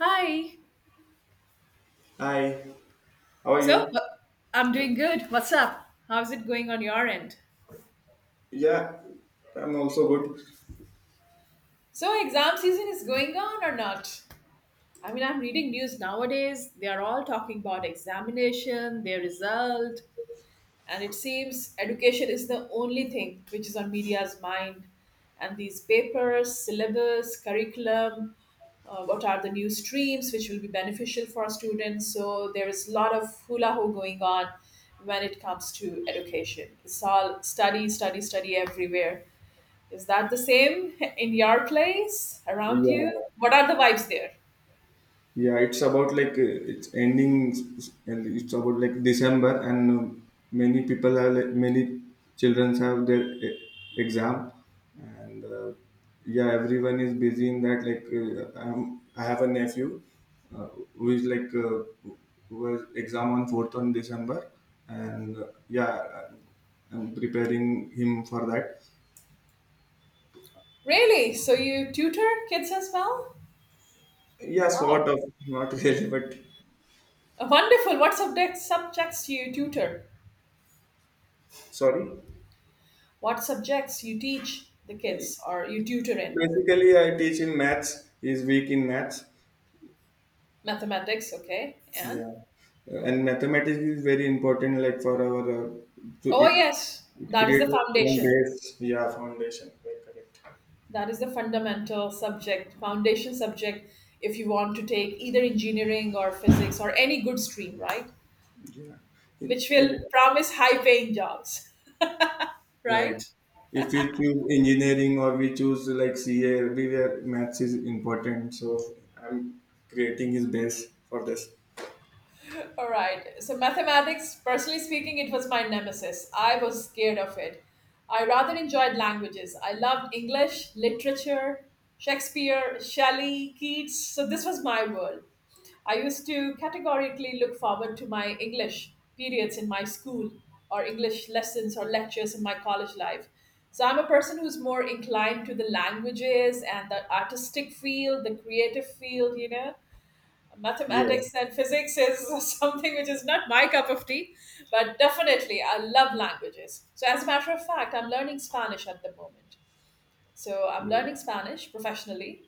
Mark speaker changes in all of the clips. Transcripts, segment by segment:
Speaker 1: Hi.
Speaker 2: Hi, how are
Speaker 1: So, uh,
Speaker 2: you?
Speaker 1: I'm doing good. What's up? How's it going on your end?
Speaker 2: Yeah, I'm also good.
Speaker 1: So, exam season is going on or not? I mean, I'm reading news nowadays. They are all talking about examination, their result, and it seems education is the only thing which is on media's mind, and these papers, syllabus, curriculum, what are the new streams which will be beneficial for students? So there is a lot of hula ho going on. When it comes to education, it's all study, study, study everywhere. Is that the same in your place around you?
Speaker 2: Yeah,
Speaker 1: What are the vibes there?
Speaker 2: yeah. It's about like it's ending, and it's about like December, and many people are like, many children have their exam, and yeah, everyone is busy in that. Like I have a nephew uh, who is like who has exam on fourth on December, and yeah, I'm preparing him for that.
Speaker 1: Really, so you tutor kids as well?
Speaker 2: Yeah, sort
Speaker 1: Wow,
Speaker 2: of. Not really, but
Speaker 1: wonderful. What subjects do you tutor?
Speaker 2: sorry.
Speaker 1: What subjects you teach the kids or you tutor in?
Speaker 2: Basically, I teach in maths. He's weak in maths.
Speaker 1: Mathematics, okay. And
Speaker 2: Yeah, and mathematics is very important. Like for our, to
Speaker 1: oh
Speaker 2: it,
Speaker 1: yes,
Speaker 2: it
Speaker 1: that is the
Speaker 2: creates a strong
Speaker 1: foundation.
Speaker 2: base. Yeah, foundation. Very correct.
Speaker 1: That is the fundamental subject, foundation subject if you want to take either engineering or physics or any good stream, right?
Speaker 2: Yeah,
Speaker 1: Which
Speaker 2: in
Speaker 1: will promise high paying jobs,
Speaker 2: right.
Speaker 1: right?
Speaker 2: If we choose engineering or we choose like CA, everywhere maths is important. So I'm creating his base for this.
Speaker 1: All right. So mathematics, personally speaking, it was my nemesis. I was scared of it. I rather enjoyed languages. I loved English, literature, Shakespeare, Shelley, Keats. So this was my world. I used to categorically look forward to my English periods in my school or English lessons or lectures in my college life. So I'm a person who's more inclined to the languages and the artistic field, the creative field, you know,
Speaker 2: Yes.
Speaker 1: mathematics and physics is something which is not my cup of tea, but definitely I love languages. So, as a matter of fact, I'm learning Spanish at the moment. So I'm learning Spanish professionally.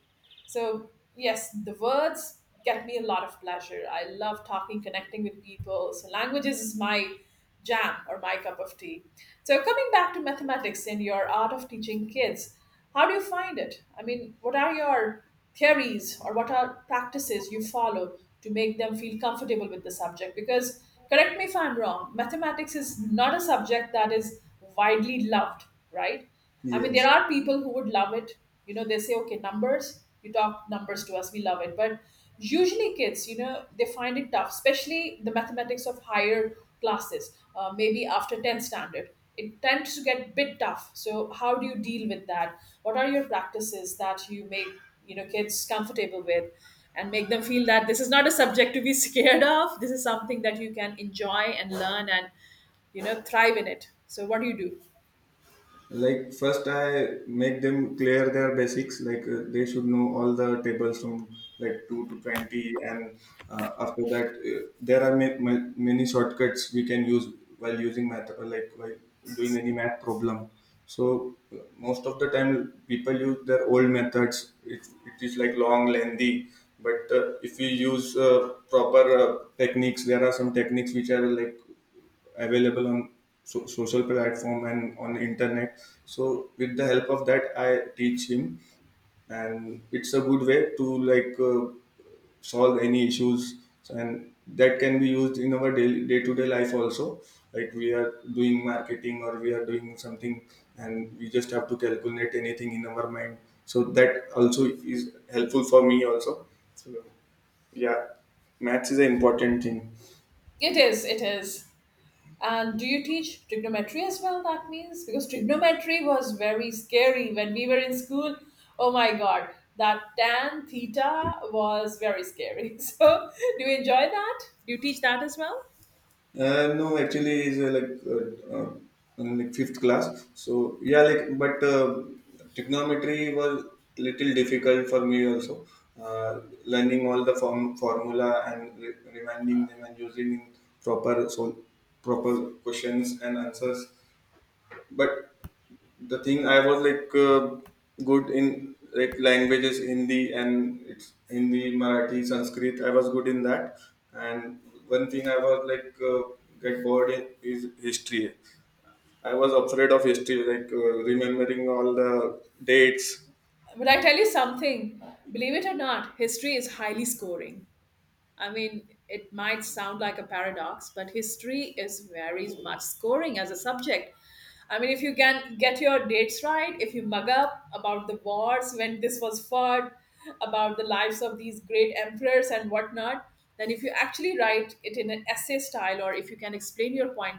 Speaker 1: So, yes, the words get me a lot of pleasure. I love talking, connecting with people. So, languages is my jam or my cup of tea. So, coming back to mathematics and your art of teaching kids, how do you find it? I mean, what are your theories or what are practices you follow to make them feel comfortable with the subject? Because, correct me if I'm wrong, mathematics is not a subject that is widely loved, right? I mean, there
Speaker 2: Yes.
Speaker 1: are people who would love it. You know, they say, okay, numbers, you talk numbers to us, we love it. But usually, kids, you know, they find it tough, especially the mathematics of higher classes, maybe after 10th standard. It tends to get bit tough. So, how do you deal with that? What are your practices that you make, you know, kids comfortable with? And make them feel that this is not a subject to be scared of. This is something that you can enjoy and learn and, you know, thrive in it. So, what do you do?
Speaker 2: Like first, I make them clear their basics. Like they should know all the tables from like 2 to 20. And after that, there are many shortcuts we can use while using math, like while doing any math problem. So most of the time people use their old methods. It is like long, lengthy. But if we use proper techniques, there are some techniques which are like available on social platform and on internet. So with the help of that, I teach him. And it's a good way to like solve any issues. So, and that can be used in our daily day-to-day life also, like we are doing marketing or we are doing something, and we just have to calculate anything in our mind. So that also is helpful for me also. So yeah, maths is an important thing.
Speaker 1: It is, it is. And do you teach trigonometry as well? That means because trigonometry was very scary when we were in school. Oh my god, that tan theta was very scary. So, do you enjoy that? Do you teach that as well?
Speaker 2: No, actually, is like in like fifth class. So yeah, like, but trigonometry was little difficult for me also. Uh, Learning all the formula and reminding them and using in proper so proper questions and answers. But the thing I was like good in like languages, Hindi, and it's Hindi, Marathi, Sanskrit. I was good in that. And one thing I was like get bored in is history. I was afraid of history, like remembering all the dates.
Speaker 1: But I tell you something, believe it or not, history is highly scoring. I mean, it might sound like a paradox, but history is very much scoring as a subject. I mean, if you can get your dates right, if you mug up about the wars when this was fought, about the lives of these great emperors and whatnot, then if you actually write it in an essay style or if you can explain your point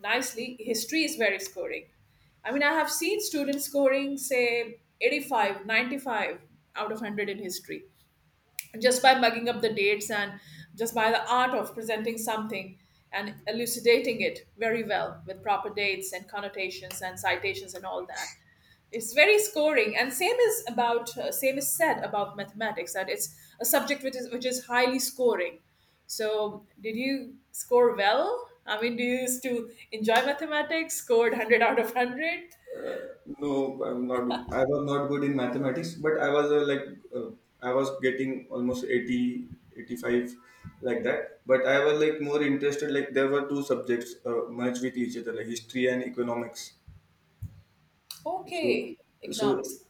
Speaker 1: nicely, history is very scoring. I mean, I have seen students scoring, say, 85, 95 out of 100 in history just by mugging up the dates and just by the art of presenting something and elucidating it very well with proper dates and connotations and citations and all that. It's very scoring, and same is about same is said about mathematics that it's a subject which is highly scoring. So did you score well? I mean, do you used to enjoy mathematics? Scored 100 out of 100?
Speaker 2: No, I'm not. I was not good in mathematics, but uh, I was getting almost 80, 85, like that. But I was like more interested. Like there were two subjects merged with each other, like history and economics. So,
Speaker 1: Okay,
Speaker 2: so
Speaker 1: economics.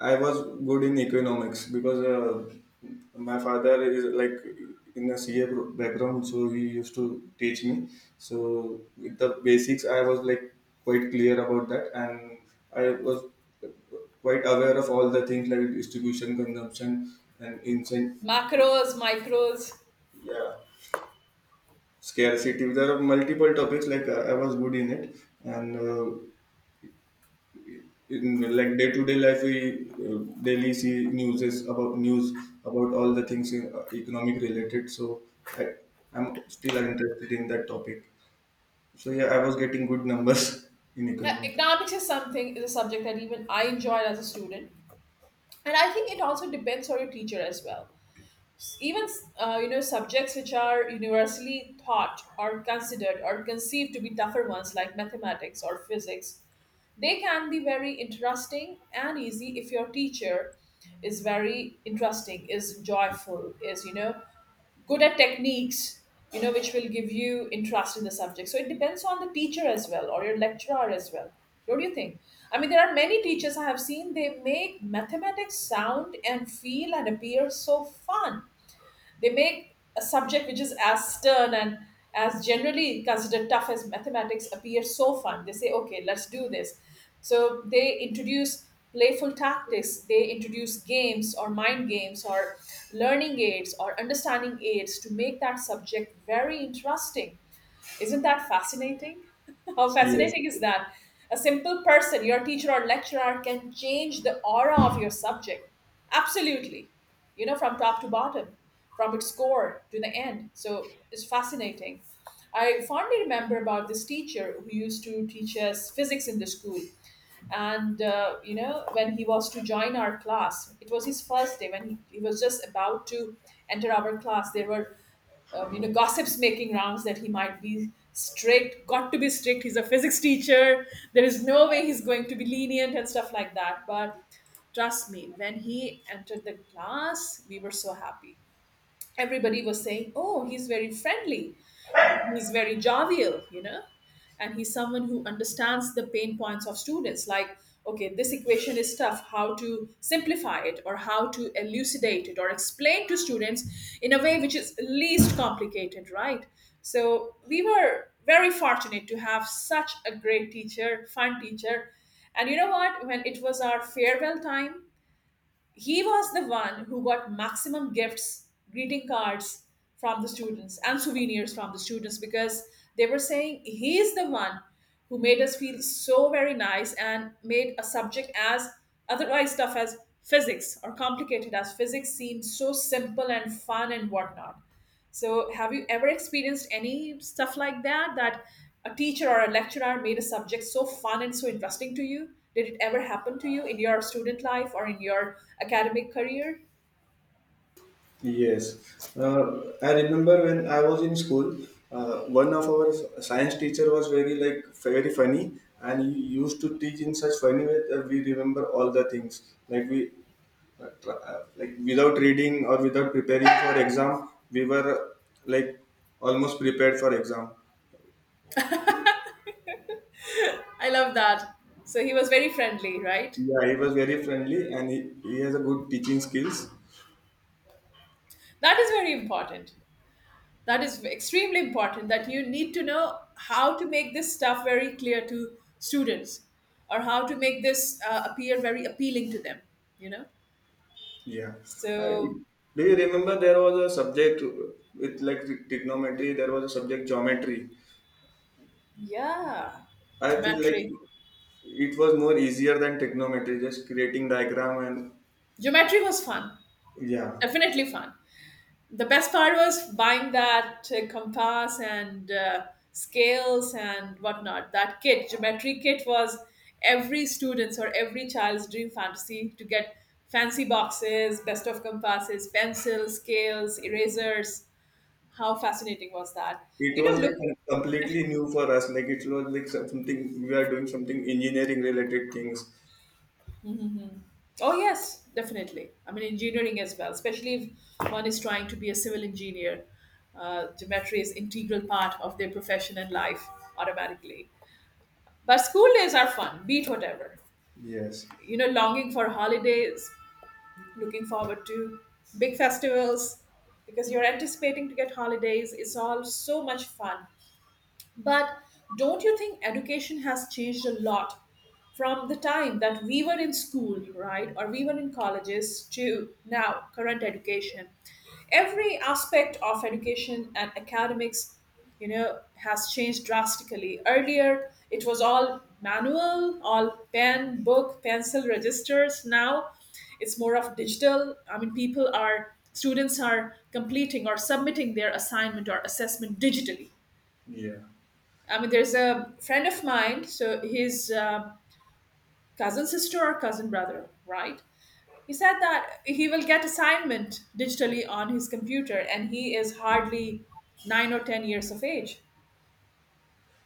Speaker 2: I was good in economics because my father is like in a C A background, so he used to teach me. So with the basics, I was like quite clear about that, and I was quite aware of all the things like distribution, consumption, and incent,
Speaker 1: Macros, micros.
Speaker 2: yeah, scarcity. There are multiple topics like I was good in it, and in like day to day life we daily see news about all the things in, economic related. So i I'm still interested in that topic. So yeah, I was getting good numbers in
Speaker 1: Yeah,
Speaker 2: economics.
Speaker 1: economics is something, is a subject that even I enjoyed as a student, and I think it also depends on your teacher as well. Even, you know, subjects which are universally taught or considered or conceived to be tougher ones, like mathematics or physics, they can be very interesting and easy if your teacher is very interesting, is joyful, is, you know, good at techniques, you know, which will give you interest in the subject. So it depends on the teacher as well or your lecturer as well, don't you think? I mean, there are many teachers I have seen, they make mathematics sound and feel and appear so fun. They make a subject which is as stern and as generally considered tough as mathematics appear so fun. They say, okay, let's do this. So they introduce playful tactics, they introduce games or mind games or learning aids or understanding aids to make that subject very interesting. Isn't that fascinating? How
Speaker 2: Yes,
Speaker 1: fascinating is that? A simple person, your teacher or lecturer, can change the aura of your subject. Absolutely. You know, from top to bottom, from its core to the end. So it's fascinating. I fondly remember about this teacher who used to teach us physics in the school. And, you know, when he was to join our class, it was his first day when he was just about to enter our class. There were you know, gossips making rounds that he might be strict, got to be strict, he's a physics teacher, there is no way he's going to be lenient and stuff like that. But trust me, when he entered the class, we were so happy. Everybody was saying, "Oh, he's very friendly. He's very jovial, you know, and he's someone who understands the pain points of students. Like, okay, this equation is tough. How to simplify it, or how to elucidate it, or explain to students in a way which is least complicated, right? So we were very fortunate to have such a great teacher, fun teacher. And you know what? When it was our farewell time, he was the one who got maximum gifts, greeting cards from the students and souvenirs from the students, because they were saying he is the one who made us feel so very nice and made a subject as otherwise tough as physics or complicated as physics seem so simple and fun and whatnot. So, have you ever experienced any stuff like that? That a teacher or a lecturer made a subject so fun and so interesting to you? Did it ever happen to you in your student life or in your academic career?
Speaker 2: yes. I remember when I was in school, one of our science teacher was very like very funny, and he used to teach in such funny way that we remember all the things. Like without reading or without preparing for exam, we were like almost prepared for exam.
Speaker 1: I love that. So, he was very friendly, right?
Speaker 2: Yeah, he was very friendly, and he has a good teaching skills.
Speaker 1: That is very important. That is extremely important that you need to know how to make this stuff very clear to students or how to make this appear very appealing to them, you know?
Speaker 2: Yeah. I,
Speaker 1: So,
Speaker 2: do you remember there was a subject with like trigonometry, there was a subject geometry?
Speaker 1: yeah,
Speaker 2: I feel like
Speaker 1: geometry.
Speaker 2: it was more easier than trigonometry, just creating diagram and...
Speaker 1: Geometry was fun,
Speaker 2: Yeah,
Speaker 1: definitely fun. The best part was buying that compass and scales and whatnot. That kit, geometry kit, was every student's or every child's dream fantasy to get fancy boxes, best of compasses, pencils, scales, erasers. How fascinating was that?
Speaker 2: it
Speaker 1: You
Speaker 2: was
Speaker 1: know,
Speaker 2: like
Speaker 1: look,
Speaker 2: completely new for us, like it was like something, we are doing something engineering related things.
Speaker 1: oh, yes, definitely. I mean, engineering as well, especially if one is trying to be a civil engineer. Geometry is integral part of their profession and life automatically. But school days are fun, beat whatever.
Speaker 2: Yes.
Speaker 1: You know, longing for holidays, looking forward to big festivals because you're anticipating to get holidays. It's all so much fun. But don't you think education has changed a lot from the time that we were in school, right, or we were in colleges to now, current education? Every aspect of education and academics, you know, has changed drastically. Earlier, it was all manual, all pen, book, pencil, registers. Now, it's more of digital. I mean, people are, students are completing or submitting their assignment or assessment digitally.
Speaker 2: Yeah.
Speaker 1: I mean, there's a friend of mine, so his cousin sister or cousin brother, right? He said that he will get assignment digitally on his computer, and he is hardly 9 or 10 years of age.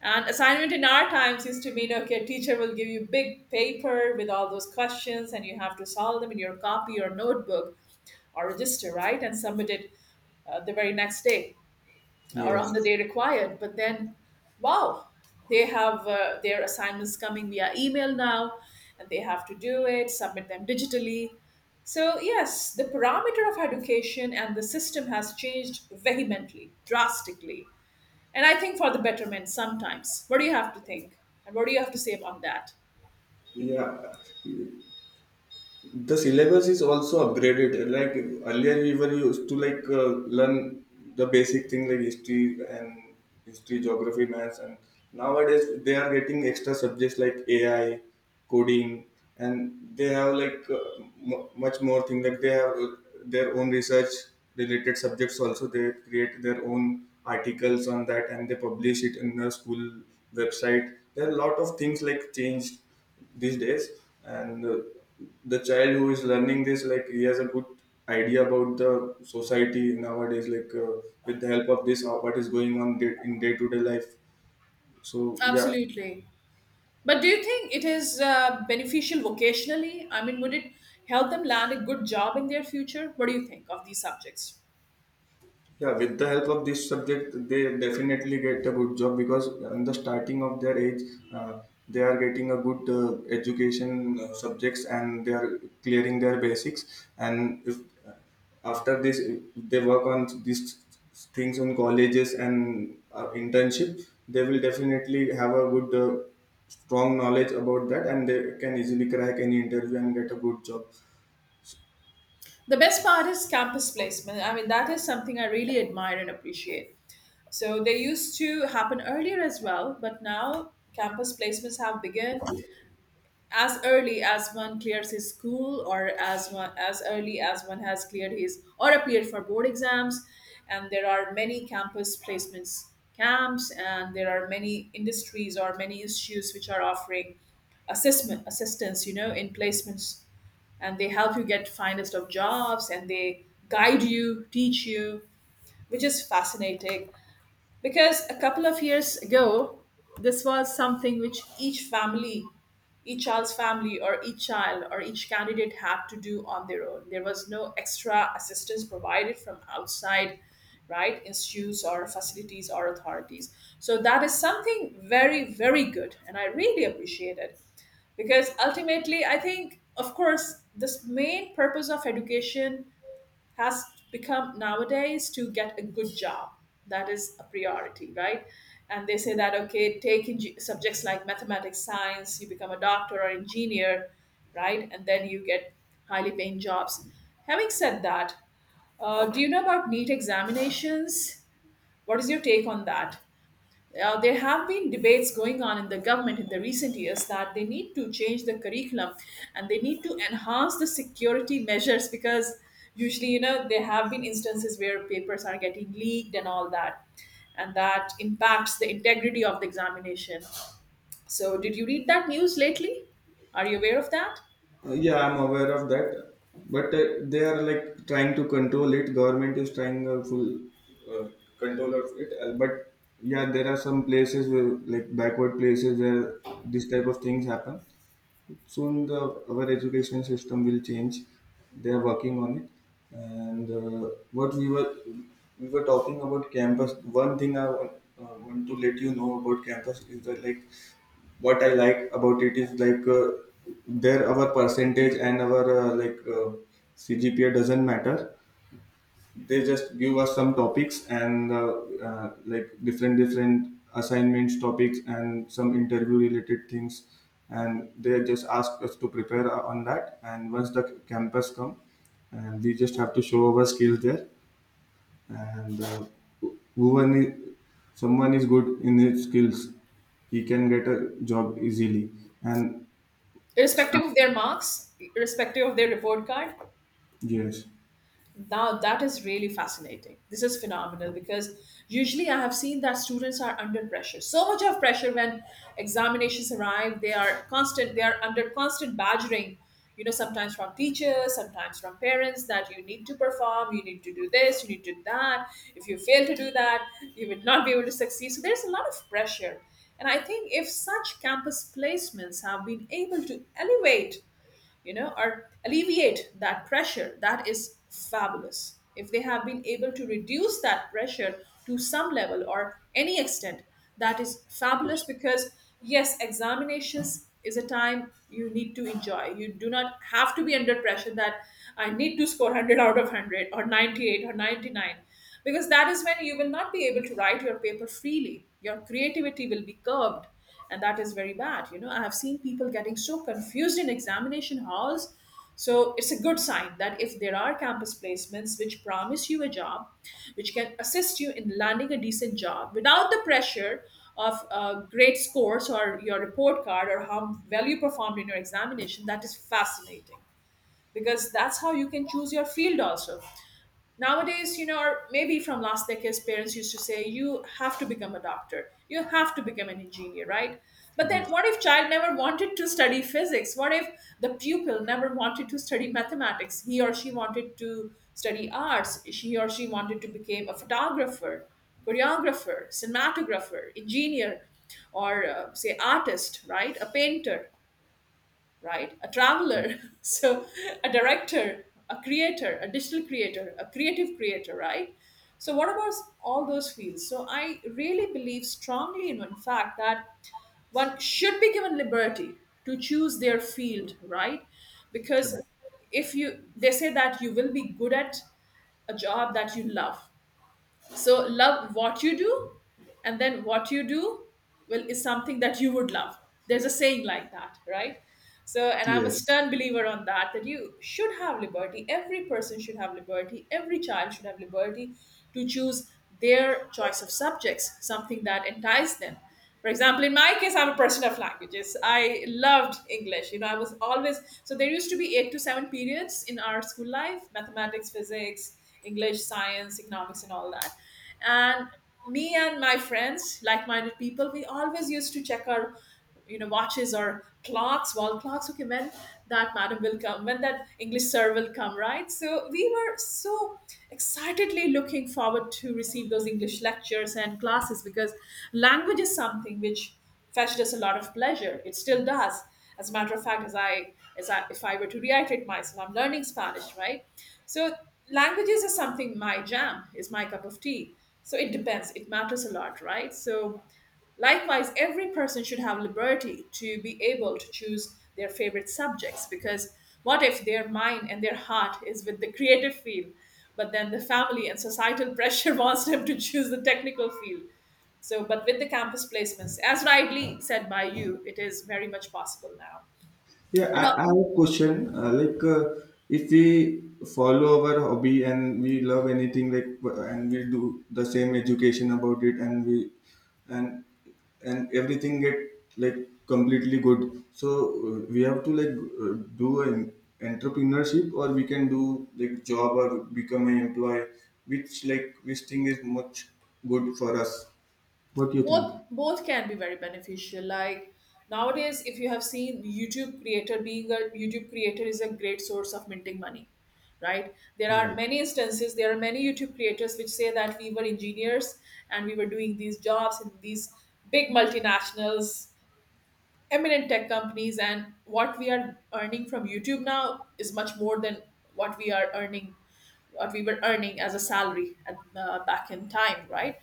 Speaker 1: And assignment in our times used to mean, okay, teacher will give you big paper with all those questions, and you have to solve them in your copy or notebook or register, right, and submit it the very next day or on the
Speaker 2: Yes.
Speaker 1: day required. But then, wow, they have their assignments coming via email now, and they have to do it, submit them digitally. So, yes, the parameter of education and the system has changed vehemently, drastically, and I think for the betterment sometimes. What do you have to think? And what do you have to say about that?
Speaker 2: Yeah. The syllabus is also upgraded. Like earlier we were used to like learn the basic thing like history and history, geography, maths. And nowadays they are getting extra subjects like AI, coding. And they have like much more thing, like they have their own research related subjects also. They create their own articles on that, and they publish it in the school website. There are a lot of things like changed these days. And the child who is learning this, like he has a good idea about the society nowadays, like with the help of this what is going on day, in day to day life. So yeah.
Speaker 1: Absolutely. But do you think it is beneficial vocationally? I mean, would it help them land a good job in their future? What do you think of these subjects?
Speaker 2: Yeah, with the help of this subject, they definitely get a good job because in the starting of their age, uh, they are getting a good education subjects, and they are clearing their basics. And if uh, after this, if they work on these things on colleges and internship, they will definitely have a good, strong knowledge about that, and they can easily crack any interview and get a good job.
Speaker 1: The best part is campus placement. I mean, that is something I really admire and appreciate. So they used to happen earlier as well, but now campus placements have begun as early as one clears his school or as early as one has cleared his or appeared for board exams, and there are many campus placements camps, and there are many industries or many institutes which are offering assessment assistance, you know, in placements, and they help you get finest of jobs, and they guide you, teach you, which is fascinating because a couple of years ago this was something which each family, each child's family or each child or each candidate had to do on their own. There was no extra assistance provided from outside, right? Institutes or facilities or authorities. So that is something very, very good, and I really appreciate it because ultimately, I think, of course, this main purpose of education has become nowadays to get a good job. That is a priority, right? And they say that, okay, take subjects like mathematics, science, you become a doctor or engineer, right? And then you get highly paying jobs. Having said that, do you know about NEET examinations? What is your take on that? There have been debates going on in the government in the recent years that they need to change the curriculum, and they need to enhance the security measures because usually, you know, there have been instances where papers are getting leaked and all that, and that impacts the integrity of the examination. So, did you read that news lately? Are you aware of that?
Speaker 2: Yeah, I'm aware of that, but they are like trying to control it. Government is trying full uh, control of it, but yeah, there are some places where like backward places where this type of things happen. Soon, the our education system will change. They are working on it, and what we were talking about campus. One thing I want to let you know about campus is that like what I like about it is like there our percentage and our CGPA doesn't matter. They just give us some topics and like different different assignments, topics, and some interview related things. And they just ask us to prepare on that. And once the campus come, and we just have to show our skills there. And who- whoever is, someone is good in his skills, he can get a job easily and... Yes.
Speaker 1: Irrespective of their marks, irrespective of their report card?
Speaker 2: Yes.
Speaker 1: Now that is really fascinating. This is phenomenal because usually I have seen that students are under pressure. So much of pressure when examinations arrive. They are constant. They are under constant badgering. You know, sometimes from teachers, sometimes from parents, that you need to perform, you need to do this, you need to do that. If you fail to do that, you will not be able to succeed. So there's a lot of pressure. And I think if such campus placements have been able to elevate, you know, or alleviate that pressure, that is fabulous. If they have been able to reduce that pressure to some level or any extent, that is fabulous because, yes, examinations is a time you need to enjoy. You do not have to be under pressure that I need to score 100 out of 100 or 98 or 99 because that is when you will not be able to write your paper freely. Your creativity will be curbed, and that is very bad. You know, I have seen people getting so confused in examination halls. So it's a good sign that if there are campus placements which promise you a job, which can assist you in landing a decent job without the pressure of great scores or your report card or how well you performed in your examination, that is fascinating because that's how you can choose your field also nowadays, you know, or maybe from last decades parents used to say you have to become a doctor, you have to become an engineer, right? But then
Speaker 2: Yes,
Speaker 1: what if child never wanted to study physics? What if the pupil never wanted to study mathematics? He or she wanted to study arts, she or she wanted to become a photographer, choreographer, cinematographer, engineer, or say artist, right? A painter, right? A traveler, so a director, a creator, a digital creator, a creative creator, right? So, what about all those fields? So, I really believe strongly in one fact that one should be given liberty to choose their field, right?
Speaker 2: right.
Speaker 1: Because if you, they say that you will be good at a job that you love, so love what you do, and then what you do well is something that you would love. There's a saying like that, right? So, and I'm a
Speaker 2: Yes.
Speaker 1: stern believer on that that you should have liberty. Every person should have liberty. Every child should have liberty to choose their choice of subjects, something that entices them. For example, in my case, I'm a person of languages. I loved English. You know, I was always, so there used to be eight to seven periods in our school life: mathematics, physics, English, science, economics, and all that. And me and my friends, like-minded people, we always used to check our, you know, watches or clocks, wall clocks, okay, when that madam will come, when that English sir will come, right? So we were so excitedly looking forward to receive those English lectures and classes because language is something which fetched us a lot of pleasure. It still does. As a matter of fact, as I if I were to reiterate myself, I'm learning Spanish, right? So languages is something, my jam, is my cup of tea. So it depends, it matters a lot, right? So likewise, every person should have liberty to be able to choose their favorite subjects because what if their mind and their heart is with the creative field, but then the family and societal pressure wants them to choose the technical field? So, but with the campus placements, as rightly said by you, it is very much possible now.
Speaker 2: Yeah,
Speaker 1: You know.
Speaker 2: I have a question. Like, if we follow our hobby and we love anything, like, and we do the same education about it, and we, and and everything get like completely good. So we have to like do an entrepreneurship, or we can do like job or become an employee, which like which thing is much good for us. What do you think?
Speaker 1: Both can be very beneficial. Like nowadays, if you have seen YouTube creator, being a YouTube creator is a great source of minting money, right? There are
Speaker 2: Right.
Speaker 1: many instances, there are many YouTube creators which say that we were engineers and we were doing these jobs in these big multinationals, eminent tech companies, and what we are earning from YouTube now is much more than what we are earning, what we were earning as a salary at, back in time, right?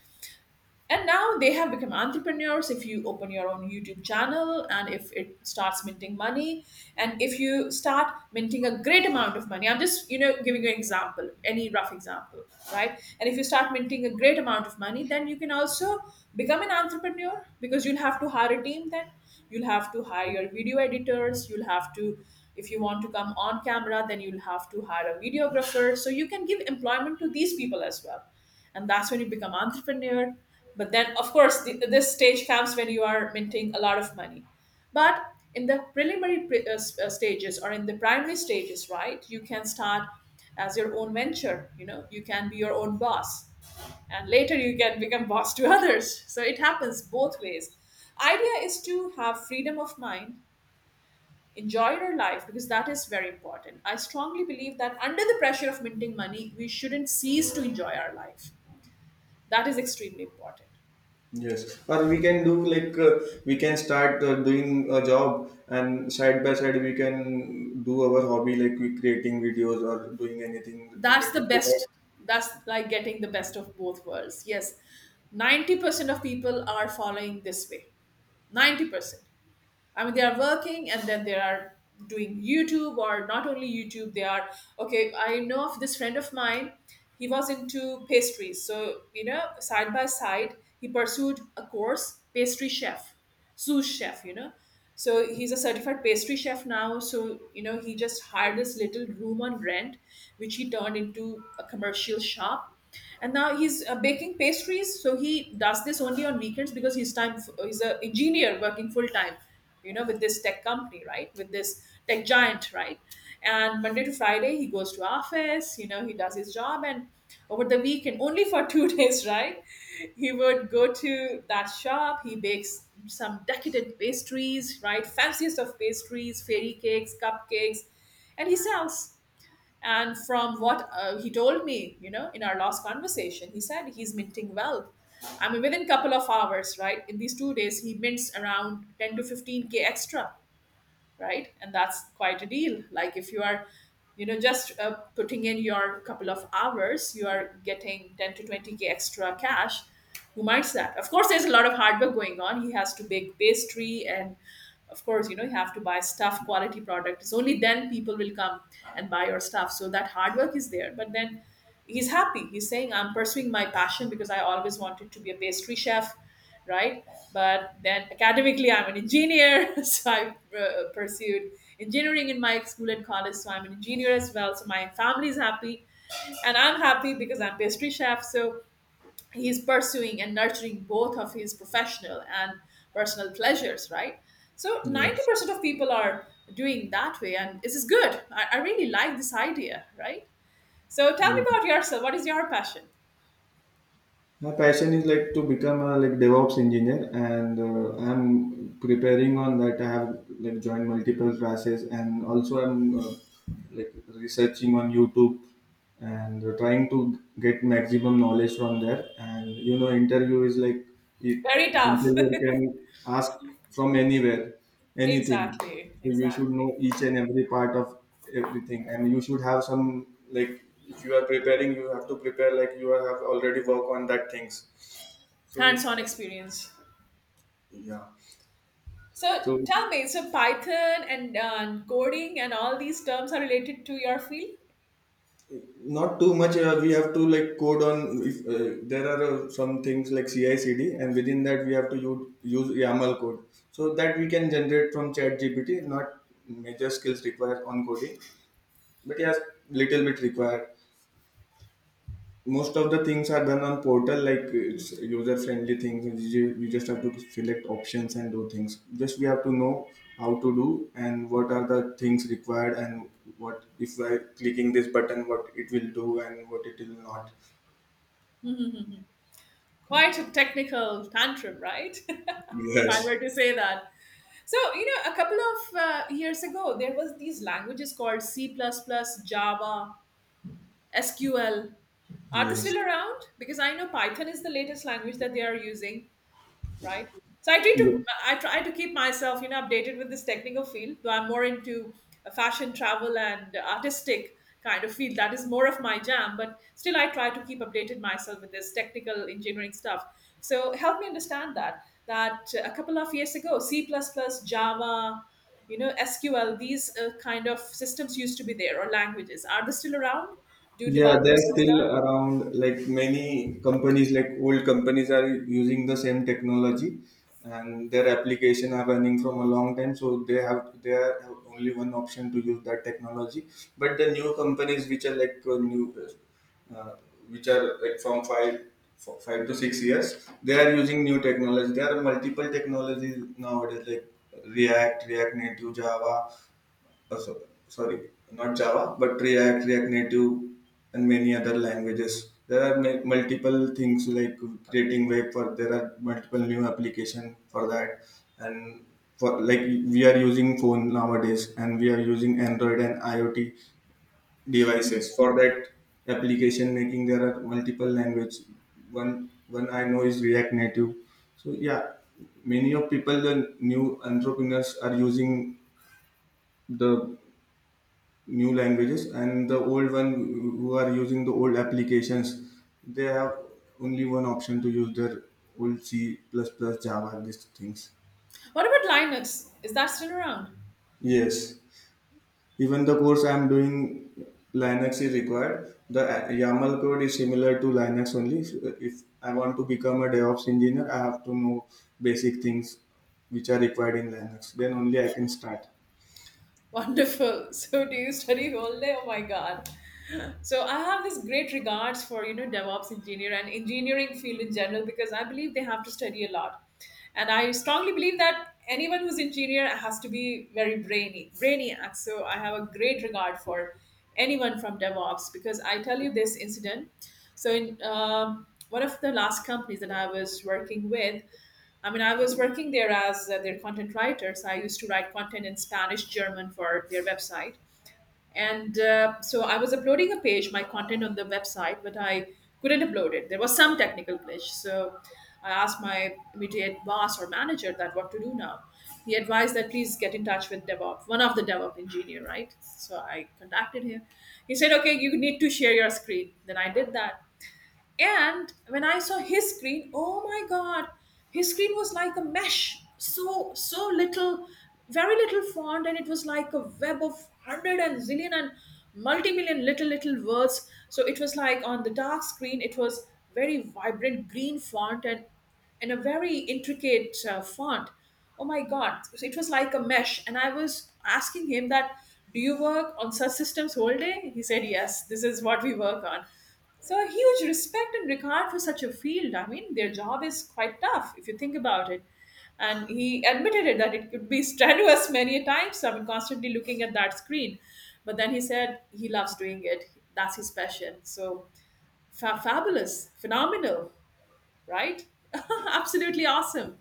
Speaker 1: And now they have become entrepreneurs. If you open your own YouTube channel and if it starts minting money, and if you start minting a great amount of money, I'm just, you know, giving you an example, any rough example, right? And if you start minting a great amount of money, then you can also become an entrepreneur because you'll have to hire a team then, you'll have to hire your video editors, you'll have to, if you want to come on camera, then you'll have to hire a videographer, so you can give employment to these people as well, and that's when you become entrepreneur. But then, of course, this stage comes when you are minting a lot of money, but in the preliminary stages or in the primary stages, right, you can start as your own venture, you know, you can be your own boss, and later you can become boss to others. So it happens both ways. Idea is to have freedom of mind, enjoy your life, because that is very important. I strongly believe that under the pressure of minting money we shouldn't cease to enjoy our life. That is extremely important.
Speaker 2: Yes, or we can do like we can start doing a job, and side by side we can do our hobby, like we creating videos or doing anything
Speaker 1: That's the
Speaker 2: related to
Speaker 1: best. That's like getting the best of both worlds. Yes, 90% of people are following this way. 90%. I mean, they are working and then they are doing YouTube, or not only YouTube, they are okay. I know of this friend of mine, he was into pastries. So, you know, side by side, he pursued a course, pastry chef, sous chef, you know. So he's a certified pastry chef now. So, you know, he just hired this little room on rent, which he turned into a commercial shop, and now he's baking pastries. So he does this only on weekends because he's time, he's an engineer working full time, you know, with this tech company, right, with this tech giant, right? And Monday to Friday he goes to office, you know, he does his job, and over the weekend only for two days, right, he would go to that shop, he bakes some decadent pastries, right, fanciest of pastries, fairy cakes, cupcakes, and he sells, and from what he told me, you know, in our last conversation, he said he's minting wealth. I mean, within couple of hours, right? In these 2 days, he mints around 10 to 15K extra, right, and that's quite a deal. Like if you are, you know, just putting in your couple of hours, you are getting 10 to 20K extra cash, who minds that? Of course there's a lot of hard work going on, he has to bake pastry, and of course, you know, you have to buy stuff, quality product, it's only then people will come and buy your stuff, so that hard work is there, but then he's happy, he's saying I'm pursuing my passion because I always wanted to be a pastry chef, right? But then academically, I'm an engineer, so I pursued engineering in my school and college. So I'm an engineer as well. So my family is happy, and I'm happy because I'm pastry chef. So he's pursuing and nurturing both of his professional and personal pleasures, right? So
Speaker 2: that.
Speaker 1: 90% of people are doing that way, and this is good. I really like this idea, right? So tell me
Speaker 2: Yes.
Speaker 1: about yourself. What is your passion?
Speaker 2: My passion is like to become a like DevOps engineer, and I'm preparing on that. I have like joined multiple classes, and also I'm like researching on YouTube, and trying to get maximum knowledge from there. And you know, interview is like it,
Speaker 1: Very tough.
Speaker 2: interviewer can ask from anywhere, anything.
Speaker 1: Exactly,
Speaker 2: So you should know
Speaker 1: exactly.
Speaker 2: each and every part of everything, and you should have some like, if you are preparing, you have to prepare like you have already worked on that things. So
Speaker 1: Hands-on experience.
Speaker 2: yeah,
Speaker 1: So
Speaker 2: so
Speaker 1: tell me, so Python and coding and all these terms are related to your field?
Speaker 2: not too much. We have to like code on, if there are some things like CI/CD, and within that we have to use YAML code so that we can generate from Chat GPT. Not major skills required on coding, but yes, little bit required. Most of the things are done on portal, like it's user friendly things. We just have to select options and do things, just we have to know how to do and what are the things required and what if I clicking this button, what it will do and what it will not.
Speaker 1: Quite a technical tantrum, right? If I were
Speaker 2: Yes.
Speaker 1: to say that. So, a couple of years ago, there was these languages called C++, Java, SQL. Are they
Speaker 2: Yes.
Speaker 1: still around? Because I know Python is the latest language that they are using. Right? So I try to keep myself, updated with this technical field. Though I'm more into fashion, travel, and artistic kind of field. That is more of my jam. But still, I try to keep updated myself with this technical engineering stuff. So help me understand that a couple of years ago, C++, Java, SQL, these kind of systems used to be there or languages. Are they still around? Do
Speaker 2: Yeah, they're
Speaker 1: developers use
Speaker 2: still
Speaker 1: that?
Speaker 2: around. Like many companies, like old companies, are using the same technology, and their application are running from a long time. So they are have only one option to use that technology. But the new companies, which are like new, uh, which are like from 5 to 6 years, they are using new technology. There are multiple technologies nowadays, like React, React Native, Java, uh, so, sorry, not Java, but React, React Native, and many other languages. There are multiple things like creating web for, there are multiple new application for that. And for like we are using phone nowadays, and we are using Android and IoT devices for that application making. There are multiple language. One I know is React Native. So yeah, many of people the new entrepreneurs are using the new languages, and the old one who are using the old applications, they have only one option to use their old c++, java, these things.
Speaker 1: What about Linux? Is that still around?
Speaker 2: Yes, even the course I am doing, Linux is required. The YAML code is similar to Linux only. So if I want to become a DevOps engineer, I have to know basic things which are required in Linux, then only I can start.
Speaker 1: Wonderful. So, do you study whole day? Oh my God. So I have this great regards for DevOps engineer and engineering field in general because I believe they have to study a lot, and I strongly believe that anyone who's engineer has to be very brainy, brainiac. So I have a great regard for anyone from DevOps because I tell you this incident. So in one of the last companies that I was working with, I mean I was working there as their content writer. So I used to write content in Spanish, German for their website and so I was uploading a page, my content, on the website, but I couldn't upload it. There was some technical glitch. So I asked my immediate boss or manager that what to do now. He advised that please get in touch with DevOps, one of the DevOps engineer, right? So I contacted him. He said, okay, you need to share your screen. Then I did that, and when I saw his screen, oh my god, his screen was like a mesh, so little, very little font, and it was like a web of hundred and zillion and multi-million little little words. So it was like on the dark screen, it was very vibrant green font, and a very intricate font. Oh my god, so it was like a mesh, and I was asking him that. Do you work on such systems whole day? He said, yes, this is what we work on. So a huge respect and regard for such a field. I mean, their job is quite tough if you think about it. And he admitted it that it could be strenuous many a times. I mean, constantly looking at that screen. But then he said he loves doing it. That's his passion. So fabulous, phenomenal, right? Absolutely awesome.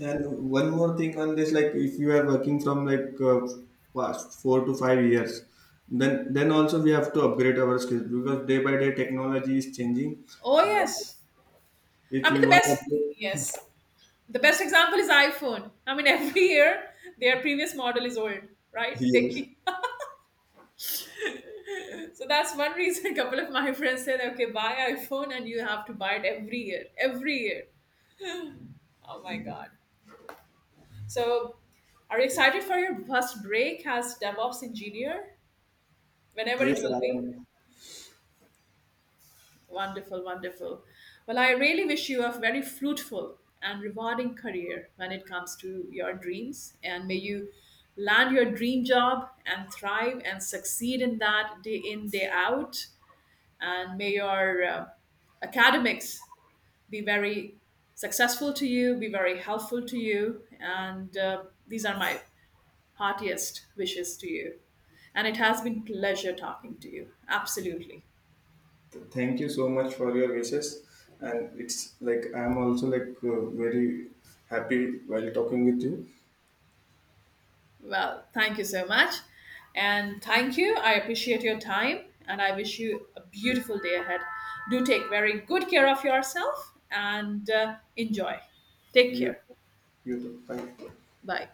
Speaker 2: And one more thing on this, like if you are working from like past 4 to 5 years, then also we have to upgrade our skills because day by day technology is changing,
Speaker 1: Oh
Speaker 2: and
Speaker 1: yes.
Speaker 2: if
Speaker 1: I mean
Speaker 2: we
Speaker 1: the
Speaker 2: want to
Speaker 1: best,
Speaker 2: upgrade,
Speaker 1: yes. The best example is iPhone. I mean every year their previous model is old, right? They
Speaker 2: yes,
Speaker 1: keep. So that's one reason, a couple of my friends said, okay, buy iPhone, and you have to buy it every year, every year. Oh my god. So are you excited for your first break as DevOps engineer, whenever it
Speaker 2: yes,
Speaker 1: will
Speaker 2: I
Speaker 1: be?
Speaker 2: am.
Speaker 1: Wonderful, wonderful. Well, I really wish you a very fruitful and rewarding career when it comes to your dreams, and may you land your dream job and thrive and succeed in that day in day out. And may your academics be very successful to you, be very helpful to you. And these are my heartiest wishes to you. And it has been pleasure talking to you. Absolutely.
Speaker 2: Thank you so much for your wishes, and it's like I am also like very happy while talking with you.
Speaker 1: Well, thank you so much. And thank you. I appreciate your time and I wish you a beautiful day ahead. Do take very good care of yourself and enjoy. Take
Speaker 2: You,
Speaker 1: care.
Speaker 2: you too. Bye.
Speaker 1: Bye.